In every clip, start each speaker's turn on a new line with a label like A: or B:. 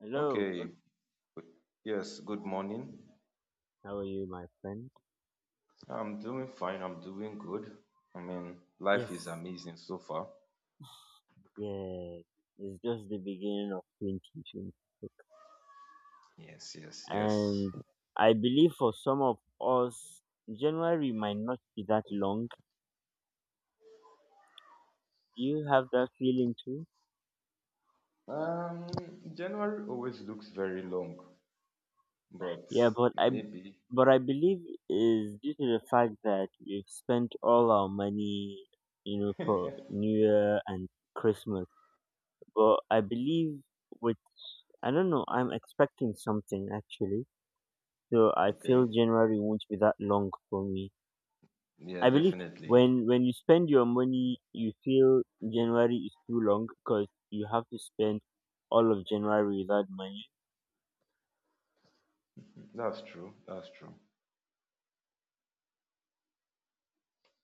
A: Hello,
B: Okay, yes, good morning.
A: how are you, my friend?
B: I'm doing fine, I'm doing good. I mean, life is
A: Yes,
B: amazing so far.
A: yeah, it's just the beginning of 2026,
B: Yes, yes, yes.
A: and I believe for some of us, January might not be that long. Do you have that feeling too?
B: Um, January always looks very long, but
A: Yeah, but I
B: maybe,
A: but I believe is due to the fact that we've spent all our money, you know, for New Year and Christmas. But I believe with I don't know, I'm expecting something actually. So I feel
B: okay.
A: January won't be that long for me.
B: Yeah,
A: I believe
B: definitely.
A: when you spend your money, you feel January is too long because you have to spend all of January without money.
B: That's true, that's true.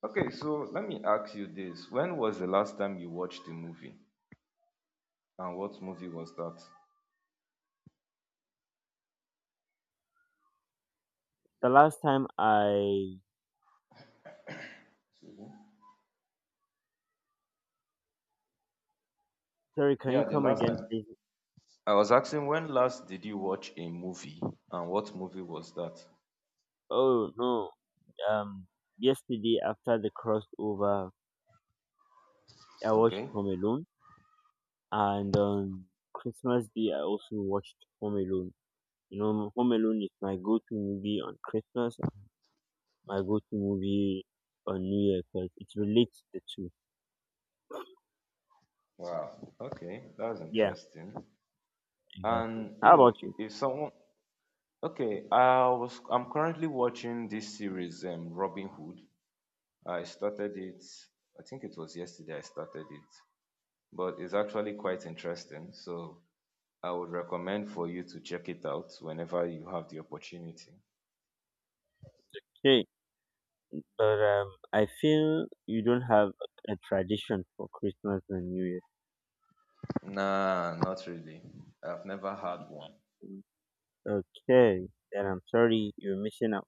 B: Okay, so let me ask you this. When was the last time you watched a movie? And what movie was that?
A: The last time I
B: Mhm.
A: Sorry, can
B: Yeah,
A: you
B: the
A: come
B: last
A: again,
B: time.
A: please?
B: I was asking when last did you watch a movie and what movie was that?
A: Oh no, um, yesterday after the crossover, I watched
B: Okay.
A: Home Alone, and on Christmas Day I also watched Home Alone. You know, Home Alone is my go-to movie on Christmas, my go-to movie on New Year, because it relates the two.
B: Wow. Okay. That's
A: Yeah,
B: interesting.
A: exactly.
B: And you
A: How about
B: know, i-
A: you?
B: if someone okay, I'm currently watching this series, Robin Hood. I started it. I think it was yesterday I started it, but it's actually quite interesting. So I would recommend for you to check it out whenever you have the opportunity.
A: Hey, but I feel you don't have a tradition for Christmas and New Year.
B: Nah, not really. I've never had one.
A: Mm, okay, then I'm sorry you're missing out.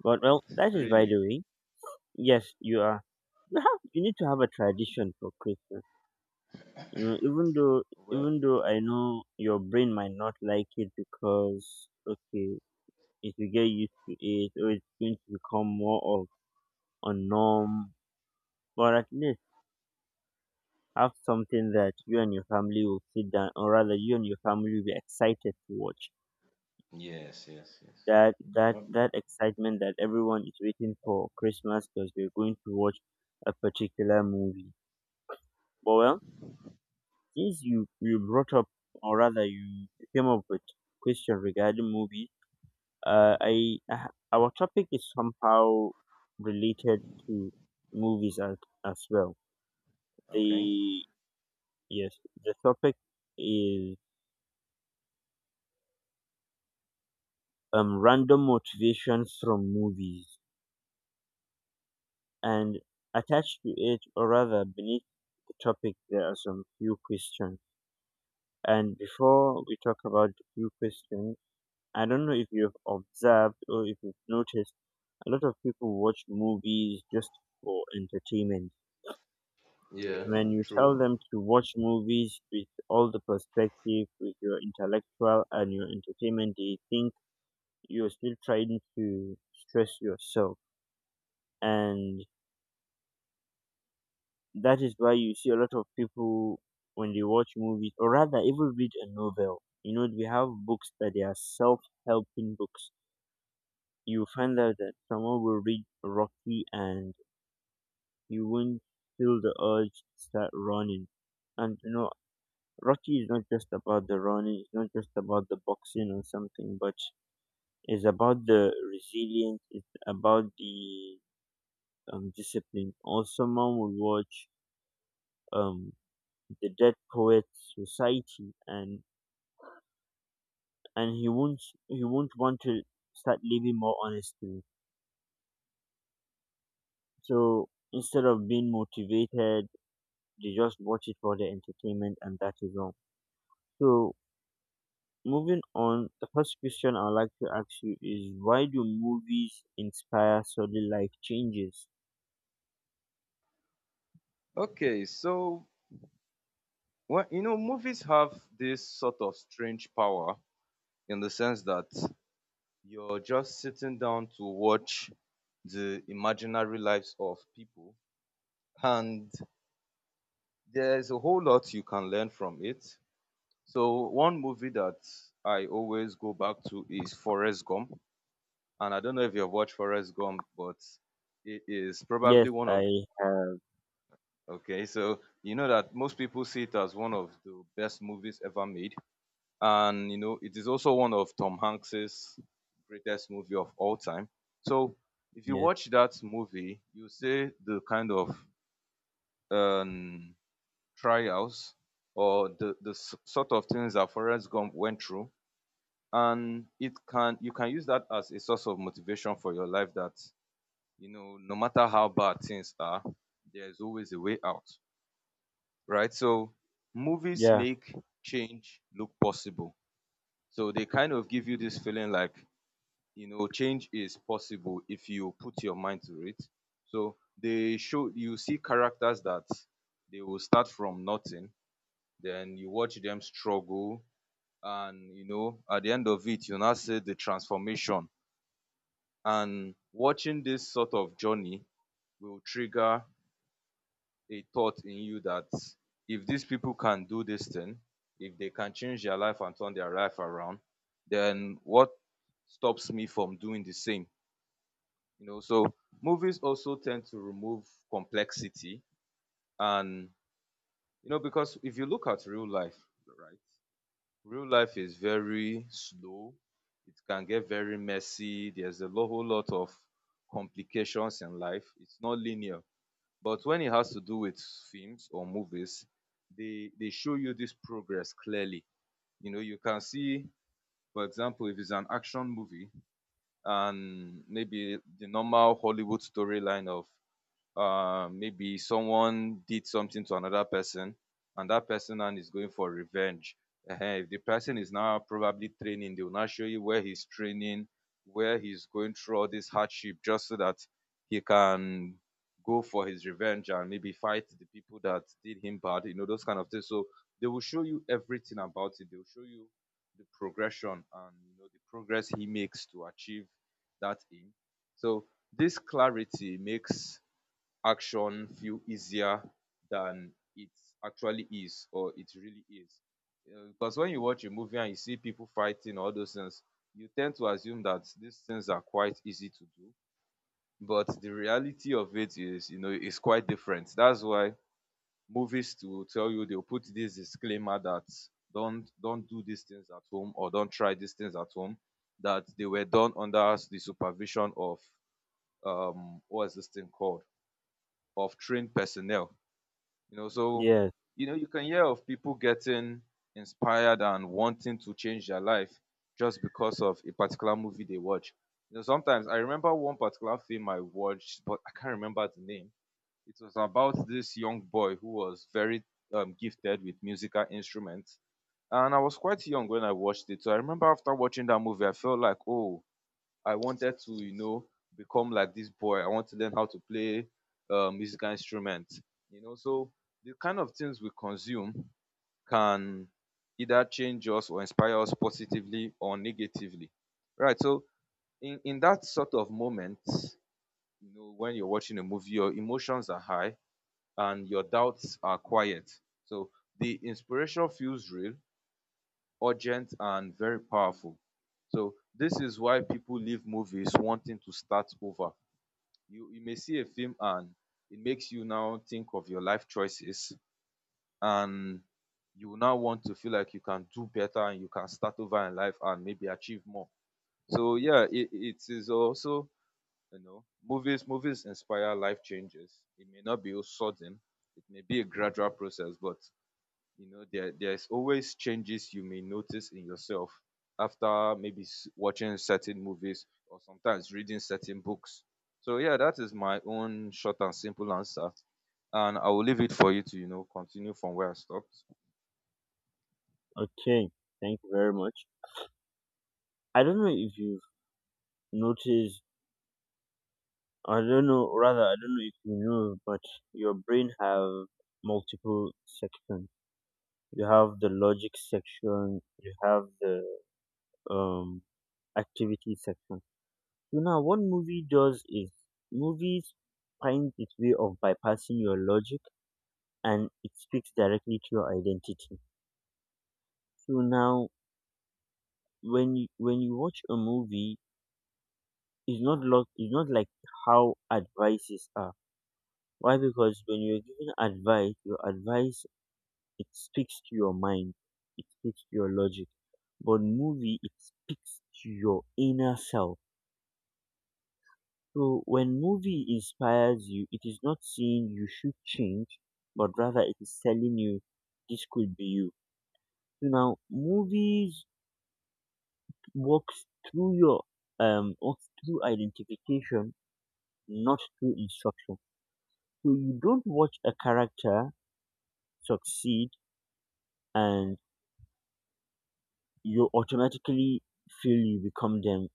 A: But well, that is by
B: Really?
A: the way. Yes, you are. You have. You need to have a tradition for Christmas. You know, even though,
B: Well,
A: even though I know your brain might not like it because okay, it will get used to it, or it's going to become more of or norm or at least have something that you and your family will sit down or rather you and your family will be excited to watch
B: yes, yes, yes.
A: that that
B: Okay.
A: that excitement that everyone is waiting for Christmas because we're going to watch a particular movie. But well, since you brought up or rather you came up with question regarding movie uh i I- our topic is somehow related to movies as well.
B: Okay.
A: The yes, the topic is random motivations from movies, and attached to it, or rather beneath the topic, there are some few questions. And before we talk about the few questions, I don't know if you've observed or if you've noticed, a lot of people watch movies just for entertainment.
B: Yeah,
A: When you tell
B: true.
A: them to watch movies with all the perspective, with your intellectual and your entertainment, they think you're still trying to stress yourself. And that is why you see a lot of people when they watch movies, or rather even read a novel. You know, we have books that they are self-helping books. You find out that someone will read Rocky and you won't feel the urge to start running. And you know, Rocky is not just about the running, it's not just about the boxing or something, but it's about the resilience, it's about the discipline. Or someone will watch um the Dead Poets Society, and and he won't he won't want to start living more honestly. So instead of being motivated, they just watch it for the entertainment, and that is wrong. So moving on, the first question I'd like to ask you is: why do movies inspire sudden life changes?
B: Okay, so well, you know, movies have this sort of strange power in the sense that you're just sitting down to watch the imaginary lives of people, and there's a whole lot you can learn from it. So one movie that I always go back to is Forrest Gump, and I don't know if you've watched Forrest Gump, but it is
A: Yes,
B: probably one
A: I
B: of
A: have.
B: okay. So you know that most people see it as one of the best movies ever made, and you know it is also one of Tom Hanks's greatest movie of all time. So if you
A: Yes,
B: watch that movie, you see the kind of um, trials or the sort of things that Forrest Gump went through, and it can you can use that as a source of motivation for your life. That you know, no matter how bad things are, there is always a way out, right? So movies
A: yeah,
B: make change look possible. So they kind of give you this feeling like, you know, change is possible if you put your mind to it. So they show you see characters that they will start from nothing, then you watch them struggle, and you know, at the end of it, you now see the transformation. And watching this sort of journey will trigger a thought in you that if these people can do this thing, if they can change their life and turn their life around, then what stops me from doing the same? You know, so movies also tend to remove complexity. And you know, because if you look at real life, right, real life is very slow. It can get very messy. There's a whole lot of complications in life. It's not linear, but when it has to do with films or movies, they show you this progress clearly. You know, you can see, for example, if it's an action movie, and maybe the normal Hollywood storyline of maybe someone did something to another person and that person now is going for revenge. Ehen, if the person is now probably training, they will now show you where he's training, where he's going through all this hardship just so that he can go for his revenge and maybe fight the people that did him bad, you know, those kind of things. So they will show you everything about it. They will show you the progression, and you know the progress he makes to achieve that aim. So this clarity makes action feel easier than it actually is, or it really is. Um, because when you watch a movie and you see people fighting all those things, you tend to assume that these things are quite easy to do. But the reality of it is, you know, is quite different. That's why movies, to tell you, they'll put this disclaimer that don't do these things at home, or don't try these things at home, that they were done under the supervision of what is this thing called of trained personnel, you know. So
A: yes.
B: you know, you can hear of people getting inspired and wanting to change their life just because of a particular movie they watch. You know, sometimes I remember one particular film I watched, but I can't remember the name. It was about this young boy who was very gifted with musical instruments. And I was quite young when I watched it. So I remember after watching that movie, I felt like, oh, I wanted to, you know, become like this boy. I want to learn how to play musical instrument. You know, so the kind of things we consume can either change us or inspire us positively or negatively. Right. So in that sort of moment, you know, when you're watching a movie, your emotions are high and your doubts are quiet. So the inspiration feels real, urgent and very powerful. So this is why people leave movies wanting to start over. You may see a film and it makes you now think of your life choices, and you now want to feel like you can do better and you can start over in life and maybe achieve more. So yeah, it is also, you know, movies inspire life changes. It may not be all sudden, it may be a gradual process, but you know there's always changes you may notice in yourself after maybe watching certain movies or sometimes reading certain books. So yeah, that is my own short and simple answer, and I will leave it for you to, you know, continue from where I stopped.
A: Okay, thank you very much. I don't know if you've noticed. I don't know. Rather, I don't know if you know, but your brain have multiple sections. You have the logic section. You have the um activity section. So now, what movie does is movies finds its way of bypassing your logic and it speaks directly to your identity. So now, when you watch a movie, it's not like how advices are. Why? Because when you're giving advice, your advice it speaks to your mind, it speaks to your logic. But movie, it speaks to your inner self. So when movie inspires you, it is not saying you should change, but rather it is telling you this could be you. So now movies works through your works through identification, not through instruction. So you don't watch a character succeed and you automatically feel you become them.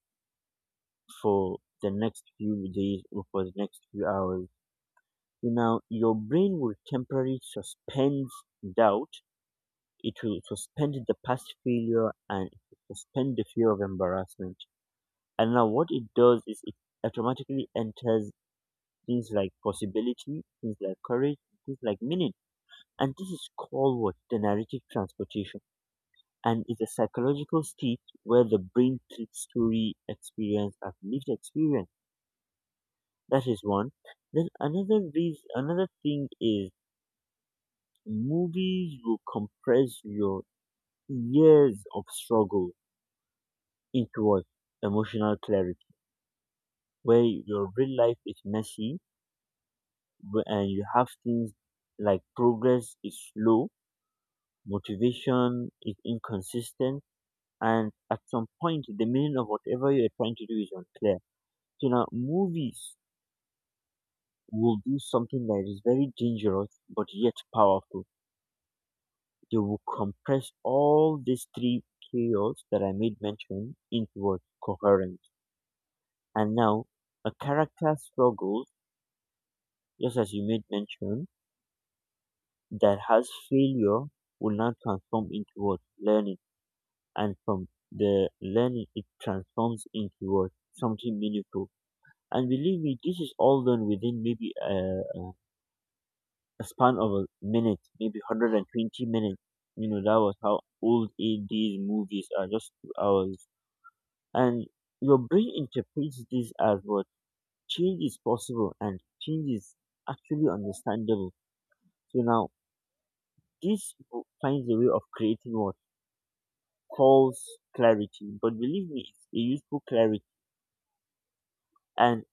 A: For the next few days or for the next few hours, you know, your brain will temporarily suspend doubt. It will suspend the past failure and it will suspend the fear of embarrassment. And now what it does is it automatically enters things like possibility, things like courage, things like meaning. And this is called what? The narrative transportation. And it's a psychological state where the brain treats story experience as lived experience. That is one. Then another reason, another thing is movies will compress your years of struggle into what emotional clarity, where your real life is messy and you have things like progress is slow, motivation is inconsistent, and at some point the meaning of whatever you are trying to do is unclear. So now movies will do something that is very dangerous but yet powerful. They would compress all these three keywords that I made mention into what coherent. And now a character struggles, just as you made mention, that has failure will now transform into what learning, and from the learning it transforms into what something meaningful. And believe me, this is all done within maybe a span of a minute, maybe 120 minutes. You know, that was how old 80s movies are, just 2 hours. And your brain interprets this as what: change is possible and change is actually understandable. So now this book finds a way of creating what false clarity, but believe me, it's a useful clarity, and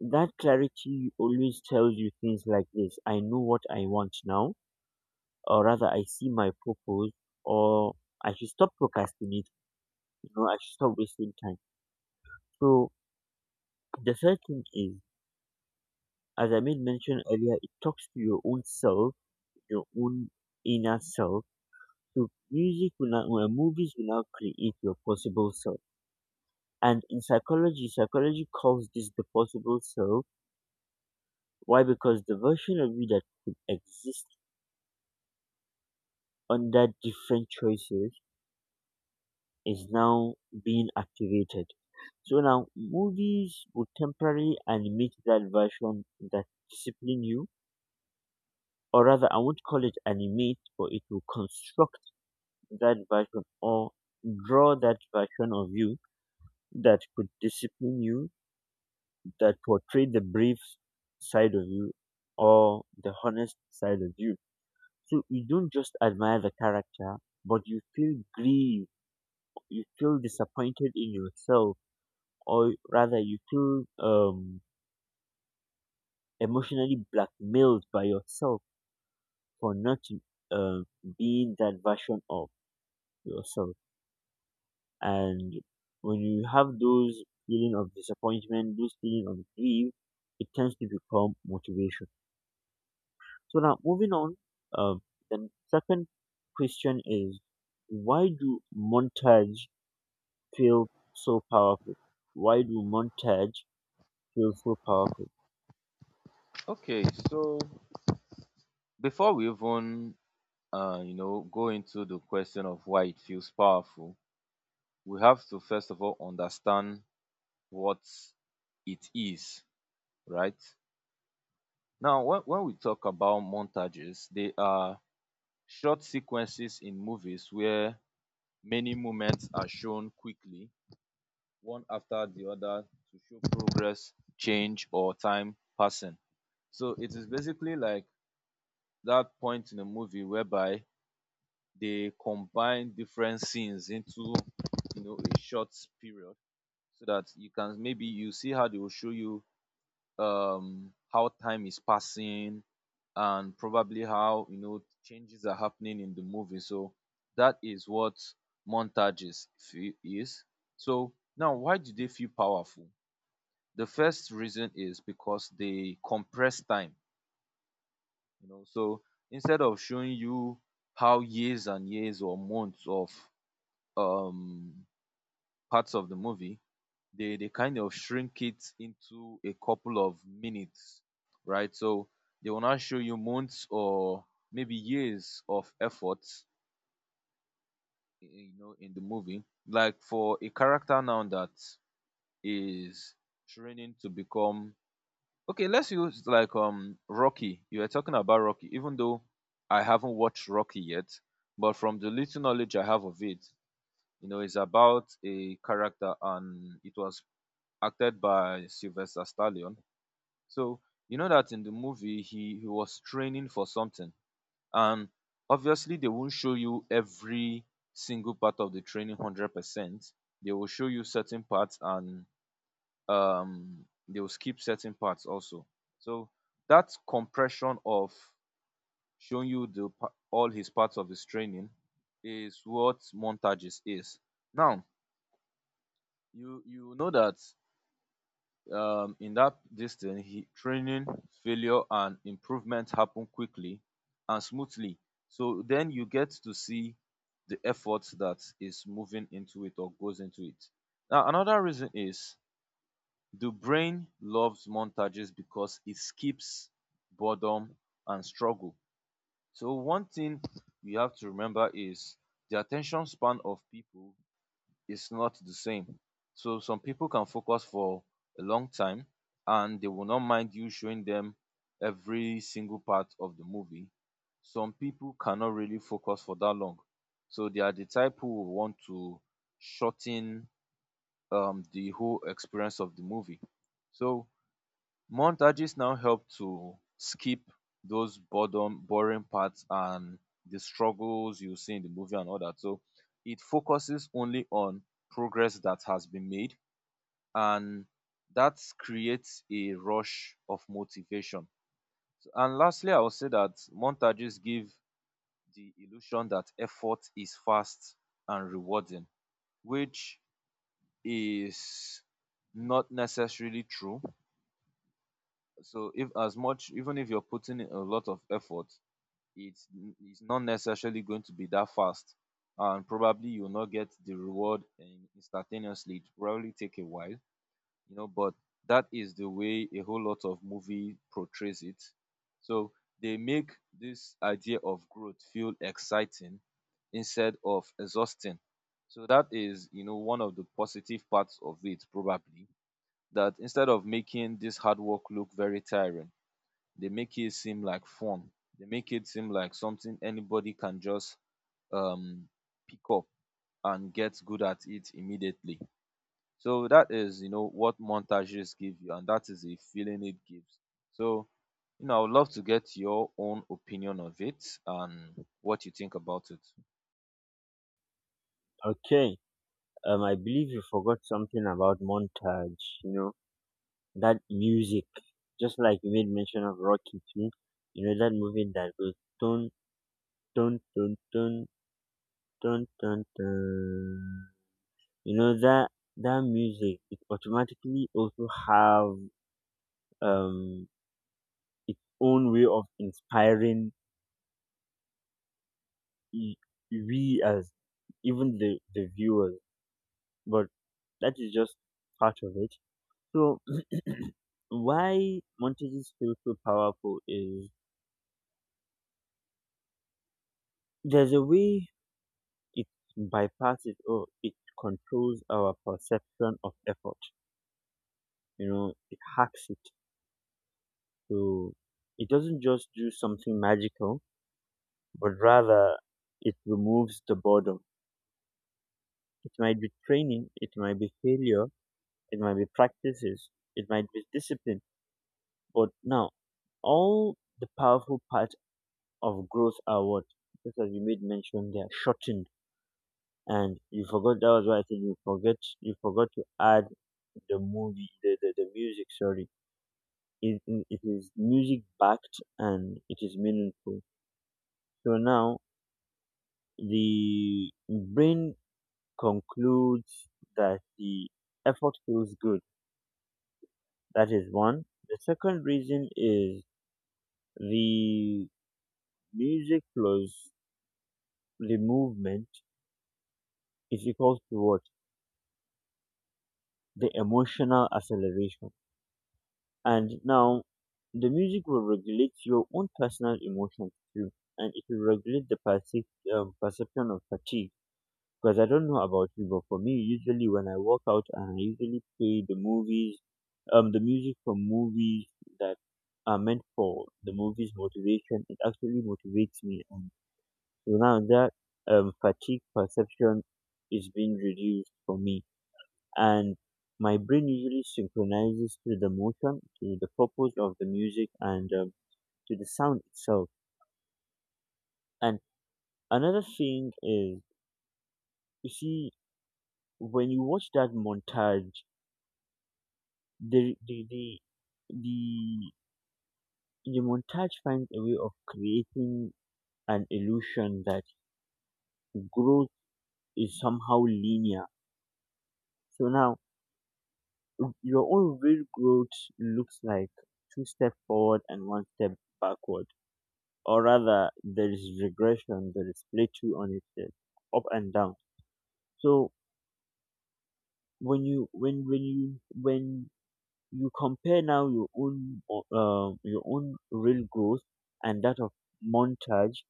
A: that clarity always tells you things like this: I know what I want now, or rather, I see my purpose, or I should stop procrastinating. You know, I should stop wasting time. So the third thing is, as I made mention earlier, it talks to your own self, your own inner self. So music will now, well, movies will now create your possible self. And in psychology, psychology calls this the possible self. Why? Because the version of you that could exist under different choices is now being activated. So now movies will temporarily animate that version that discipline you, or rather, I won't call it animate, but it will construct that version or draw that version of you that could discipline you, that portrayed the brave side of you or the honest side of you. So you don't just admire the character, but you feel grieved, you feel disappointed in yourself, or rather, you feel emotionally blackmailed by yourself for not uh, being that version of yourself. And when you have those feeling of disappointment, those feeling of grief, it tends to become motivation. So now moving on, um, the second question is: why do montage feel so powerful? Why do montage feel so powerful?
B: Okay, so before we even you know go into the question of why it feels powerful, we have to first of all understand what it is, right? Now when we talk about montages, they are short sequences in movies where many moments are shown quickly, one after the other, to show progress, change, or time passing. So it is basically like that point in a movie whereby they combine different scenes into, you know, a short period, so that you can maybe you see how they will show you how time is passing and probably how you know changes are happening in the movie. So that is what montages is. So now, why do they feel powerful? The first reason is because they compress time. You know, so instead of showing you how years and years or months of um, parts of the movie, they kind of shrink it into a couple of minutes, right? So they will not show you months or maybe years of effort, eh, you know, in the movie. Like for a character now that is training to become okay, let's use like Rocky. You were talking about Rocky, even though I haven't watched Rocky yet, but from the little knowledge I have of it, you know, it's about a character and it was acted by Sylvester Stallone. So you know that in the movie he was training for something, and obviously they won't show you every single part of the training 100%. They will show you certain parts, and they will skip certain parts also. So that compression of showing you all his parts of his training is what montages is. Now you know that in that distance, he training failure and improvement happen quickly and smoothly. So then you get to see the effort that is moving into it or goes into it. Now another reason is the brain loves montages because it skips boredom and struggle. So one thing you have to remember is the attention span of people is not the same. So some people can focus for a long time and they will not mind you showing them every single part of the movie. Some people cannot really focus for that long. So they are the type who will want to shorten the whole experience of the movie. So montages now help to skip those boredom boring parts and the struggles you see in the movie and all that. So it focuses only on progress that has been made, and that creates a rush of motivation. And lastly, I will say that montages give the illusion that effort is fast and rewarding, which is not necessarily true. So if as much even if you're putting in a lot of effort, it's it's not necessarily going to be that fast, and probably you'll not get the reward instantaneously. It probably take a while, you know, but that is the way a whole lot of movie portrays it. So they make this idea of growth feel exciting instead of exhausting. So that is, you know, one of the positive parts of it, probably, that instead of making this hard work look very tiring, they make it seem like fun. They make it seem like something anybody can just um pick up and get good at it immediately. So that is, you know, what montages give you, and that is the feeling it gives. So you know I would love to get your own opinion of it and what you think about it.
A: Okay, I believe you forgot something about montage. You know that music, just like you made mention of Rocky too. You know that movie that goes dun dun dun dun dun dun dun. You know that that music. It automatically also have um its own way of inspiring y- we as even the viewers. But that is just part of it. So why montages feel so powerful is there's a way it bypasses or it controls our perception of effort. You know, it hacks it. So it doesn't just do something magical, but rather it removes the boredom. It might be training, it might be failure, it might be practices, it might be discipline. But now, all the powerful parts of growth are what? Just as you made mention, they are shortened. And you forgot, that was why I said you forget, you forgot to add the movie, the music, sorry. It is music backed and it is meaningful. So now the brain concludes that the effort feels good. That is one. The second reason is the music plus the movement is equals to what? The emotional acceleration. And now the music will regulate your own personal emotions too, and it will regulate the perception of fatigue. Because I don't know about you, but for me, usually when I walk out and I usually play the movies, the music from movies that are meant for the movie's motivation, it actually motivates me. So now that fatigue perception is being reduced for me, and my brain usually synchronizes to the motion, to the purpose of the music, and to the sound itself. And another thing is, you see, when you watch that montage, the the the the, the montage finds a way of creating an illusion that growth is somehow linear. So now your own real growth looks like two steps forward and one step backward. Or rather, there is regression, there is plateau on it, up and down. So when you compare now your own real growth and that of montage,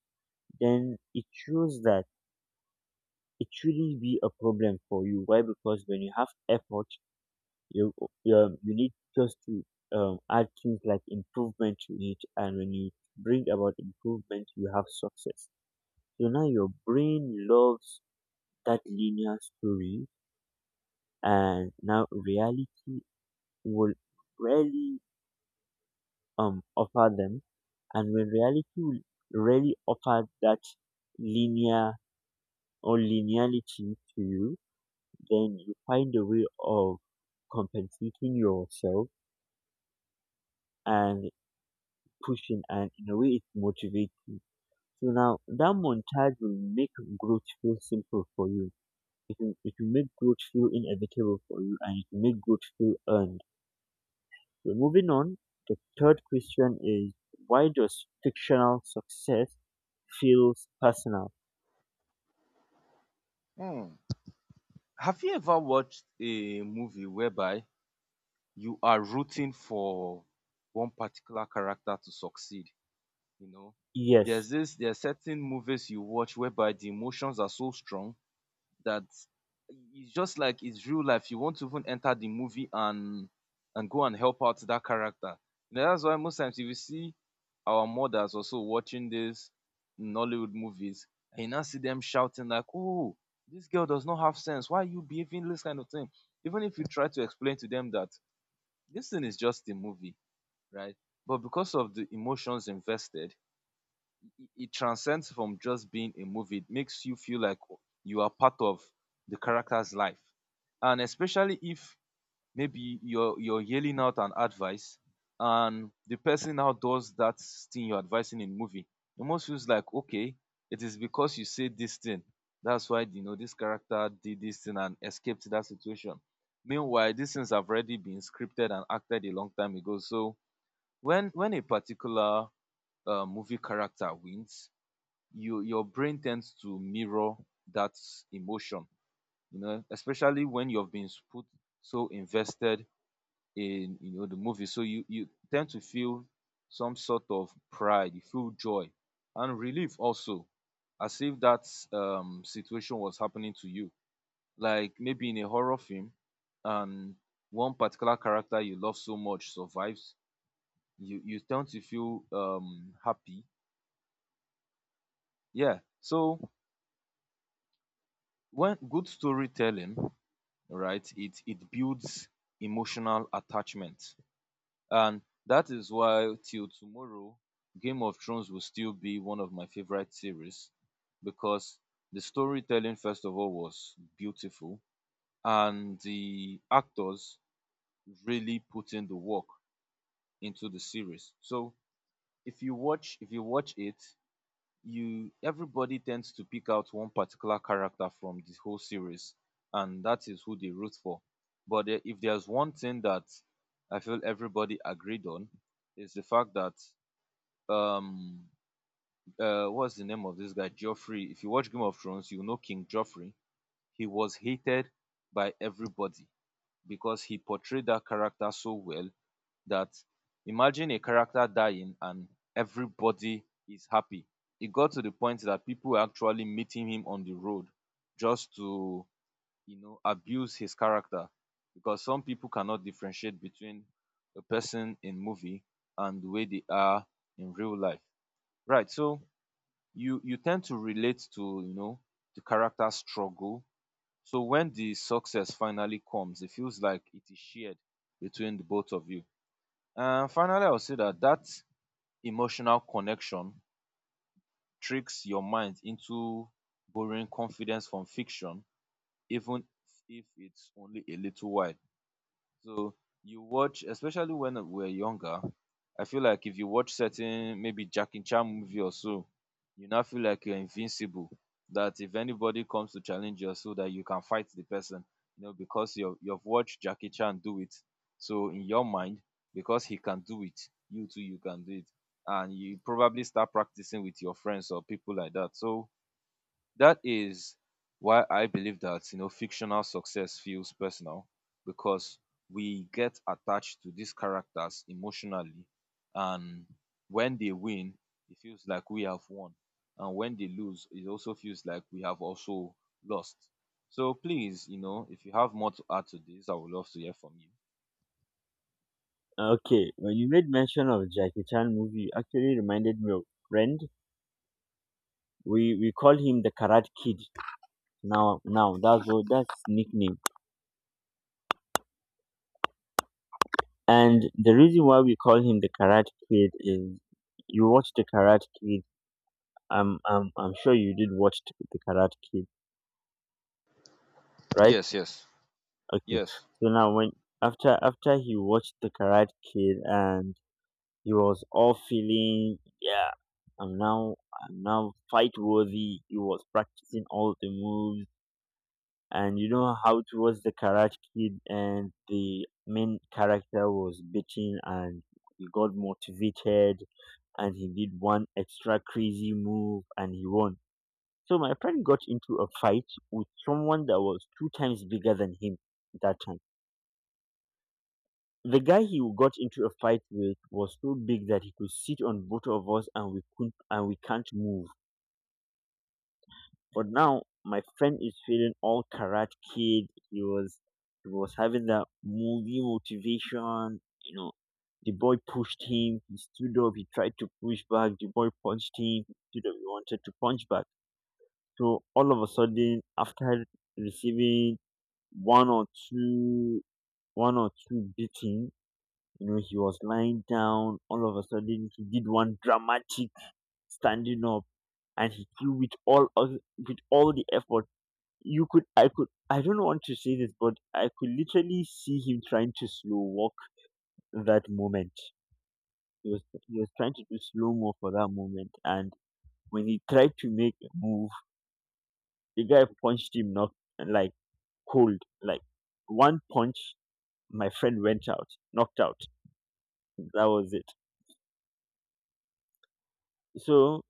A: then it shows that it shouldn't be a problem for you. Why? Because when you have effort, you you need just to add things like improvement to it, and when you bring about improvement you have success. So now your brain loves that linear story, and now reality will rarely offer them. And when reality will rarely offer that linear or linearity to you, then you find a way of compensating yourself and pushing, and in a way it motivates you. So now that montage will make growth feel simple for you. It will make growth feel inevitable for you, and it will make growth feel earned. So moving on, the third question is, why does fictional success feels personal?
B: Hmm. Have you ever watched a movie whereby you are rooting for one particular character to succeed, you know?
A: Yes.
B: There are certain movies you watch whereby the emotions are so strong that it's just like it's real life. You want to even enter the movie and go and help out that character, you know. That's why most times if you see our mothers also watching this Nollywood movies and you now see them shouting like, oh, this girl does not have sense, why are you behaving this kind of thing? Even if you try to explain to them that this thing is just a movie, right? But because of the emotions invested, it transcends from just being a movie. It makes you feel like you are part of the character's life. And especially if maybe you're yelling out an advice and the person now does that thing you're advising in movie, it almost feels like, okay, it is because you said this thing. That's why, you know, this character did this thing and escaped that situation. Meanwhile, these things have already been scripted and acted a long time ago. So when a particular movie character wins, you, your brain tends to mirror that emotion, you know, especially when you've been put so invested in, you know, the movie. So you tend to feel some sort of pride, you feel joy and relief also, as if that situation was happening to you, like maybe in a horror film, and one particular character you love so much survives, you tend to feel happy. Yeah. So when good storytelling, right, it builds emotional attachment, and that is why till tomorrow, Game of Thrones will still be one of my favorite series, because the storytelling first of all was beautiful, and the actors really put in the work into the series. So if you watch it, you, everybody tends to pick out one particular character from the whole series, and that is who they root for. But if there's one thing that I feel everybody agreed on, is the fact that, um what's the name of this guy, Joffrey? If you watch Game of Thrones, you know King Joffrey. He was hated by everybody, because he portrayed that character so well that imagine a character dying and everybody is happy. It got to the point that people were actually meeting him on the road just to, you know, abuse his character, because some people cannot differentiate between a person in movie and the way they are in real life, right? So you tend to relate to, you know, the character struggle. So when the success finally comes, it feels like it is shared between the both of you. And finally, I will say that that emotional connection tricks your mind into borrowing confidence from fiction, even if it's only a little while. So you watch, especially when we're younger, I feel like if you watch certain maybe Jackie Chan movie or so, you now feel like you're invincible. That if anybody comes to challenge you or so, that you can fight the person, you know, because you've watched Jackie Chan do it. So in your mind, because he can do it, you too you can do it, and you probably start practicing with your friends or people like that. So that is why I believe that, you know, fictional success feels personal, because we get attached to these characters emotionally, and when they win, it feels like we have won, and when they lose, it also feels like we have also lost. So please, you know, if you have more to add to this, I would love to hear from you.
A: Okay. When you made mention of Jackie Chan movie, you actually reminded me of friend. We call him the Karate Kid. Now that's what that's his nickname. And the reason why we call him the Karate Kid is, you watch the Karate Kid. I'm sure you did watch the Karate Kid, right?
B: Yes, yes,
A: Okay.
B: yes.
A: So now when after he watched the Karate Kid and he was all feeling, yeah, I'm now I'm now fight worthy. He was practicing all the moves, and you know how it was the Karate Kid, and the main character was bitching and he got motivated, and he did one extra crazy move and he won. So my friend got into a fight with someone that was two times bigger than him that time. The guy he got into a fight with was so big that he could sit on both of us and we couldn't, and we can't move. But now my friend is feeling all karate kid. He was having that movie motivation, you know. The boy pushed him, he stood up, he tried to push back, the boy punched him, he stood up, he wanted to punch back. So all of a sudden, after receiving one or two, one or two beating, you know, he was lying down. All of a sudden, he did one dramatic standing up, and he threw with with all the effort. I could, I don't want to say this, but I could literally see him trying to slow walk that moment. He was he was trying to do slow mo for that moment, and when he tried to make a move, the guy punched him, knocked like cold. Like one punch, my friend went out, knocked out. That was it. So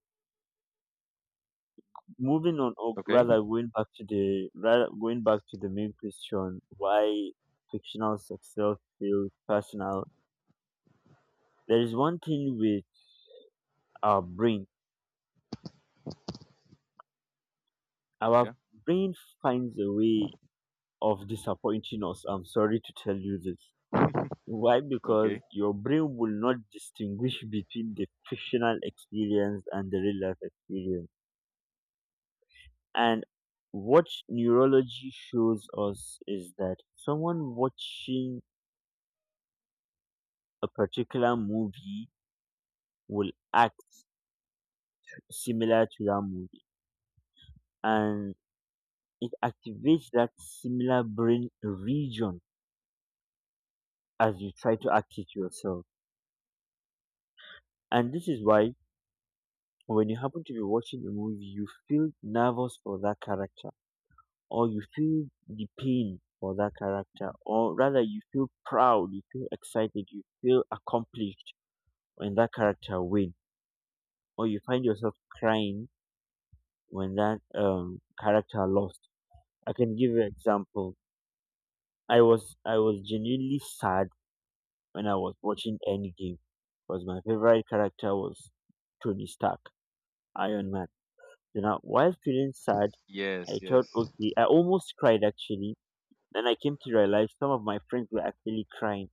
A: moving on, or
B: Okay.
A: rather going back to the rather going back to the main question, why fictional success feels personal? There is one thing with our brain. Our
B: Yeah.
A: brain finds a way of disappointing us. I'm sorry to tell you this. Why? Because
B: Okay.
A: your brain will not distinguish between the fictional experience and the real life experience. And what neurology shows us is that someone watching a particular movie will act similar to that movie, and it activates that similar brain region as you try to act it yourself. And this is why, when you happen to be watching a movie, you feel nervous for that character, or you feel the pain for that character, or rather you feel proud, you feel excited, you feel accomplished when that character win, or you find yourself crying when that character lost. I can give you an example. I was genuinely sad when I was watching Endgame, because my favorite character was Tony Stark, Iron Man. So now, while feeling sad, I
B: Yes,
A: thought,
B: yes.
A: okay, I almost cried actually. Then I came to realize some of my friends were actually crying.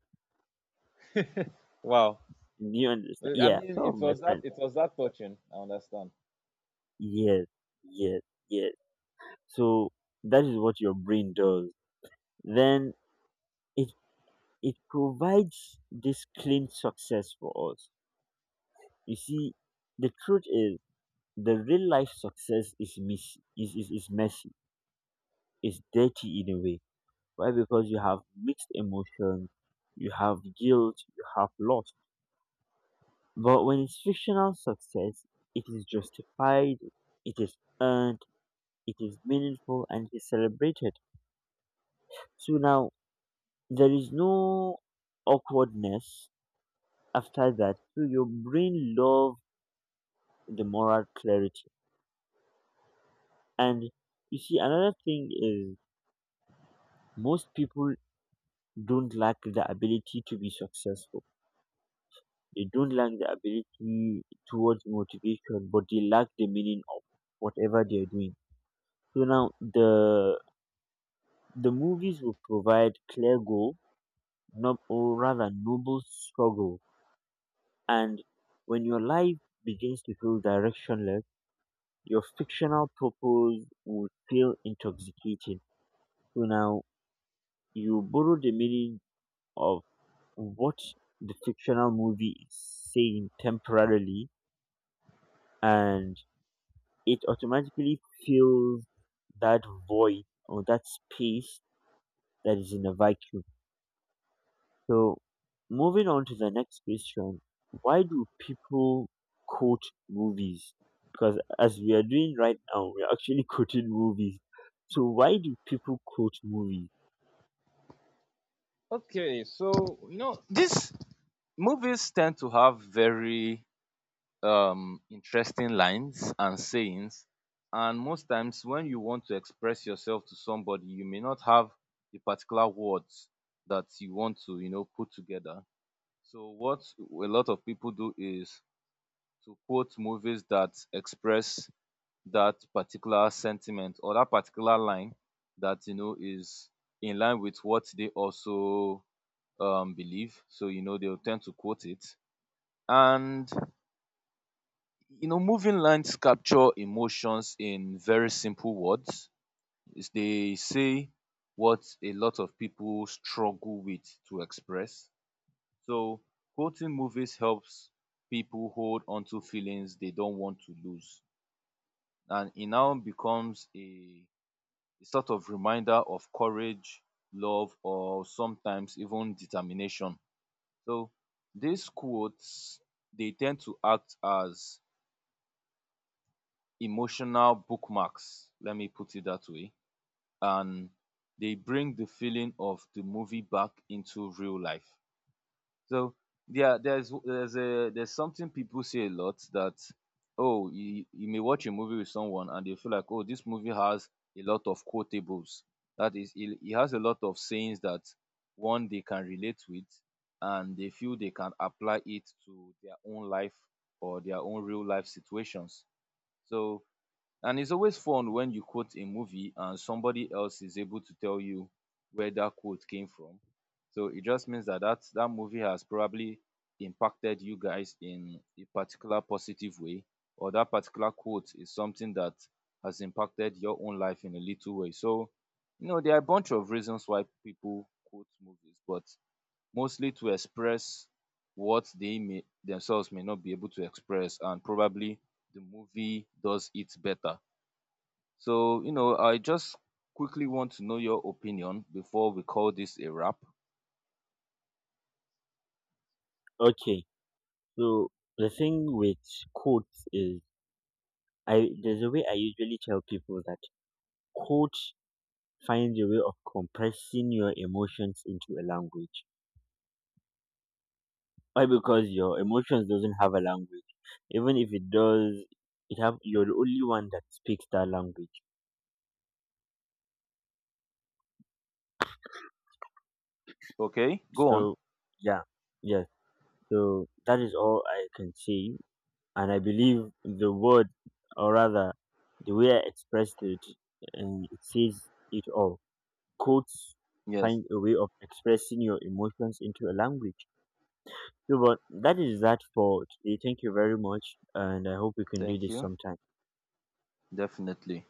B: Wow.
A: Do you understand?
B: I
A: Yeah,
B: mean,
A: some of
B: it
A: my
B: was that.
A: friends.
B: It was that touching. I understand.
A: Yes, yes, yes. So that is what your brain does. Then it it provides this clean success for us. You see, the truth is, the real life success is messy, is messy, is dirty in a way. Why? Because you have mixed emotions, you have guilt, you have loss. But when it's fictional success, it is justified, it is earned, it is meaningful, and it is celebrated. So now there is no awkwardness after that. So your brain loves the moral clarity. And you see, another thing is, most people don't lack the ability to be successful. They don't lack the ability towards motivation, but they lack the meaning of whatever they're doing. So now, the movies will provide clear goal, no, or rather noble struggle. And when your life begins to feel directionless, your fictional purpose will feel intoxicating. So now you borrow the meaning of what the fictional movie is saying temporarily, and it automatically fills that void or that space that is in a vacuum. So, moving on to the next question, why do people quote movies? Because as we are doing right now, we're actually quoting movies. So, why do people quote movies?
B: Okay, so you know these movies tend to have very interesting lines and sayings, and most times when you want to express yourself to somebody, you may not have the particular words that you want to, you know, put together. So what a lot of people do is to quote movies that express that particular sentiment or that particular line that, you know, is in line with what they also believe. So, you know, they'll tend to quote it. And, you know, moving lines capture emotions in very simple words. They say what a lot of people struggle with to express. So quoting movies helps people hold onto feelings they don't want to lose. And it now becomes a sort of reminder of courage, love, or sometimes even determination. So these quotes, they tend to act as emotional bookmarks, let me put it that way, and they bring the feeling of the movie back into real life. So yeah, there's something people say a lot, that oh, you may watch a movie with someone and they feel like, oh, this movie has a lot of quotables. That is, it has a lot of sayings that one they can relate with, and they feel they can apply it to their own life or their own real life situations. So, and it's always fun when you quote a movie and somebody else is able to tell you where that quote came from. So it just means that that movie has probably impacted you guys in a particular positive way, or that particular quote is something that has impacted your own life in a little way. So, you know, there are a bunch of reasons why people quote movies, but mostly to express what they may not be able to express, and probably the movie does it better. So, you know, I just quickly want to know your opinion before we call this a wrap.
A: Okay, so the thing with quotes is, I there's a way I usually tell people that Could finds a way of compressing your emotions into a language. Why? Because your emotions doesn't have a language. Even if it does, it have you're the only one that speaks that language.
B: Okay, go on.
A: So yeah, yes. So that is all I can say, and I believe the word, or rather, the way I expressed it, and it says it all. Quotes
B: Yes,
A: find a way of expressing your emotions into a language. So, but that is that for today. Thank you very much, and I hope we can do
B: thank
A: this
B: you.
A: sometime.
B: Definitely.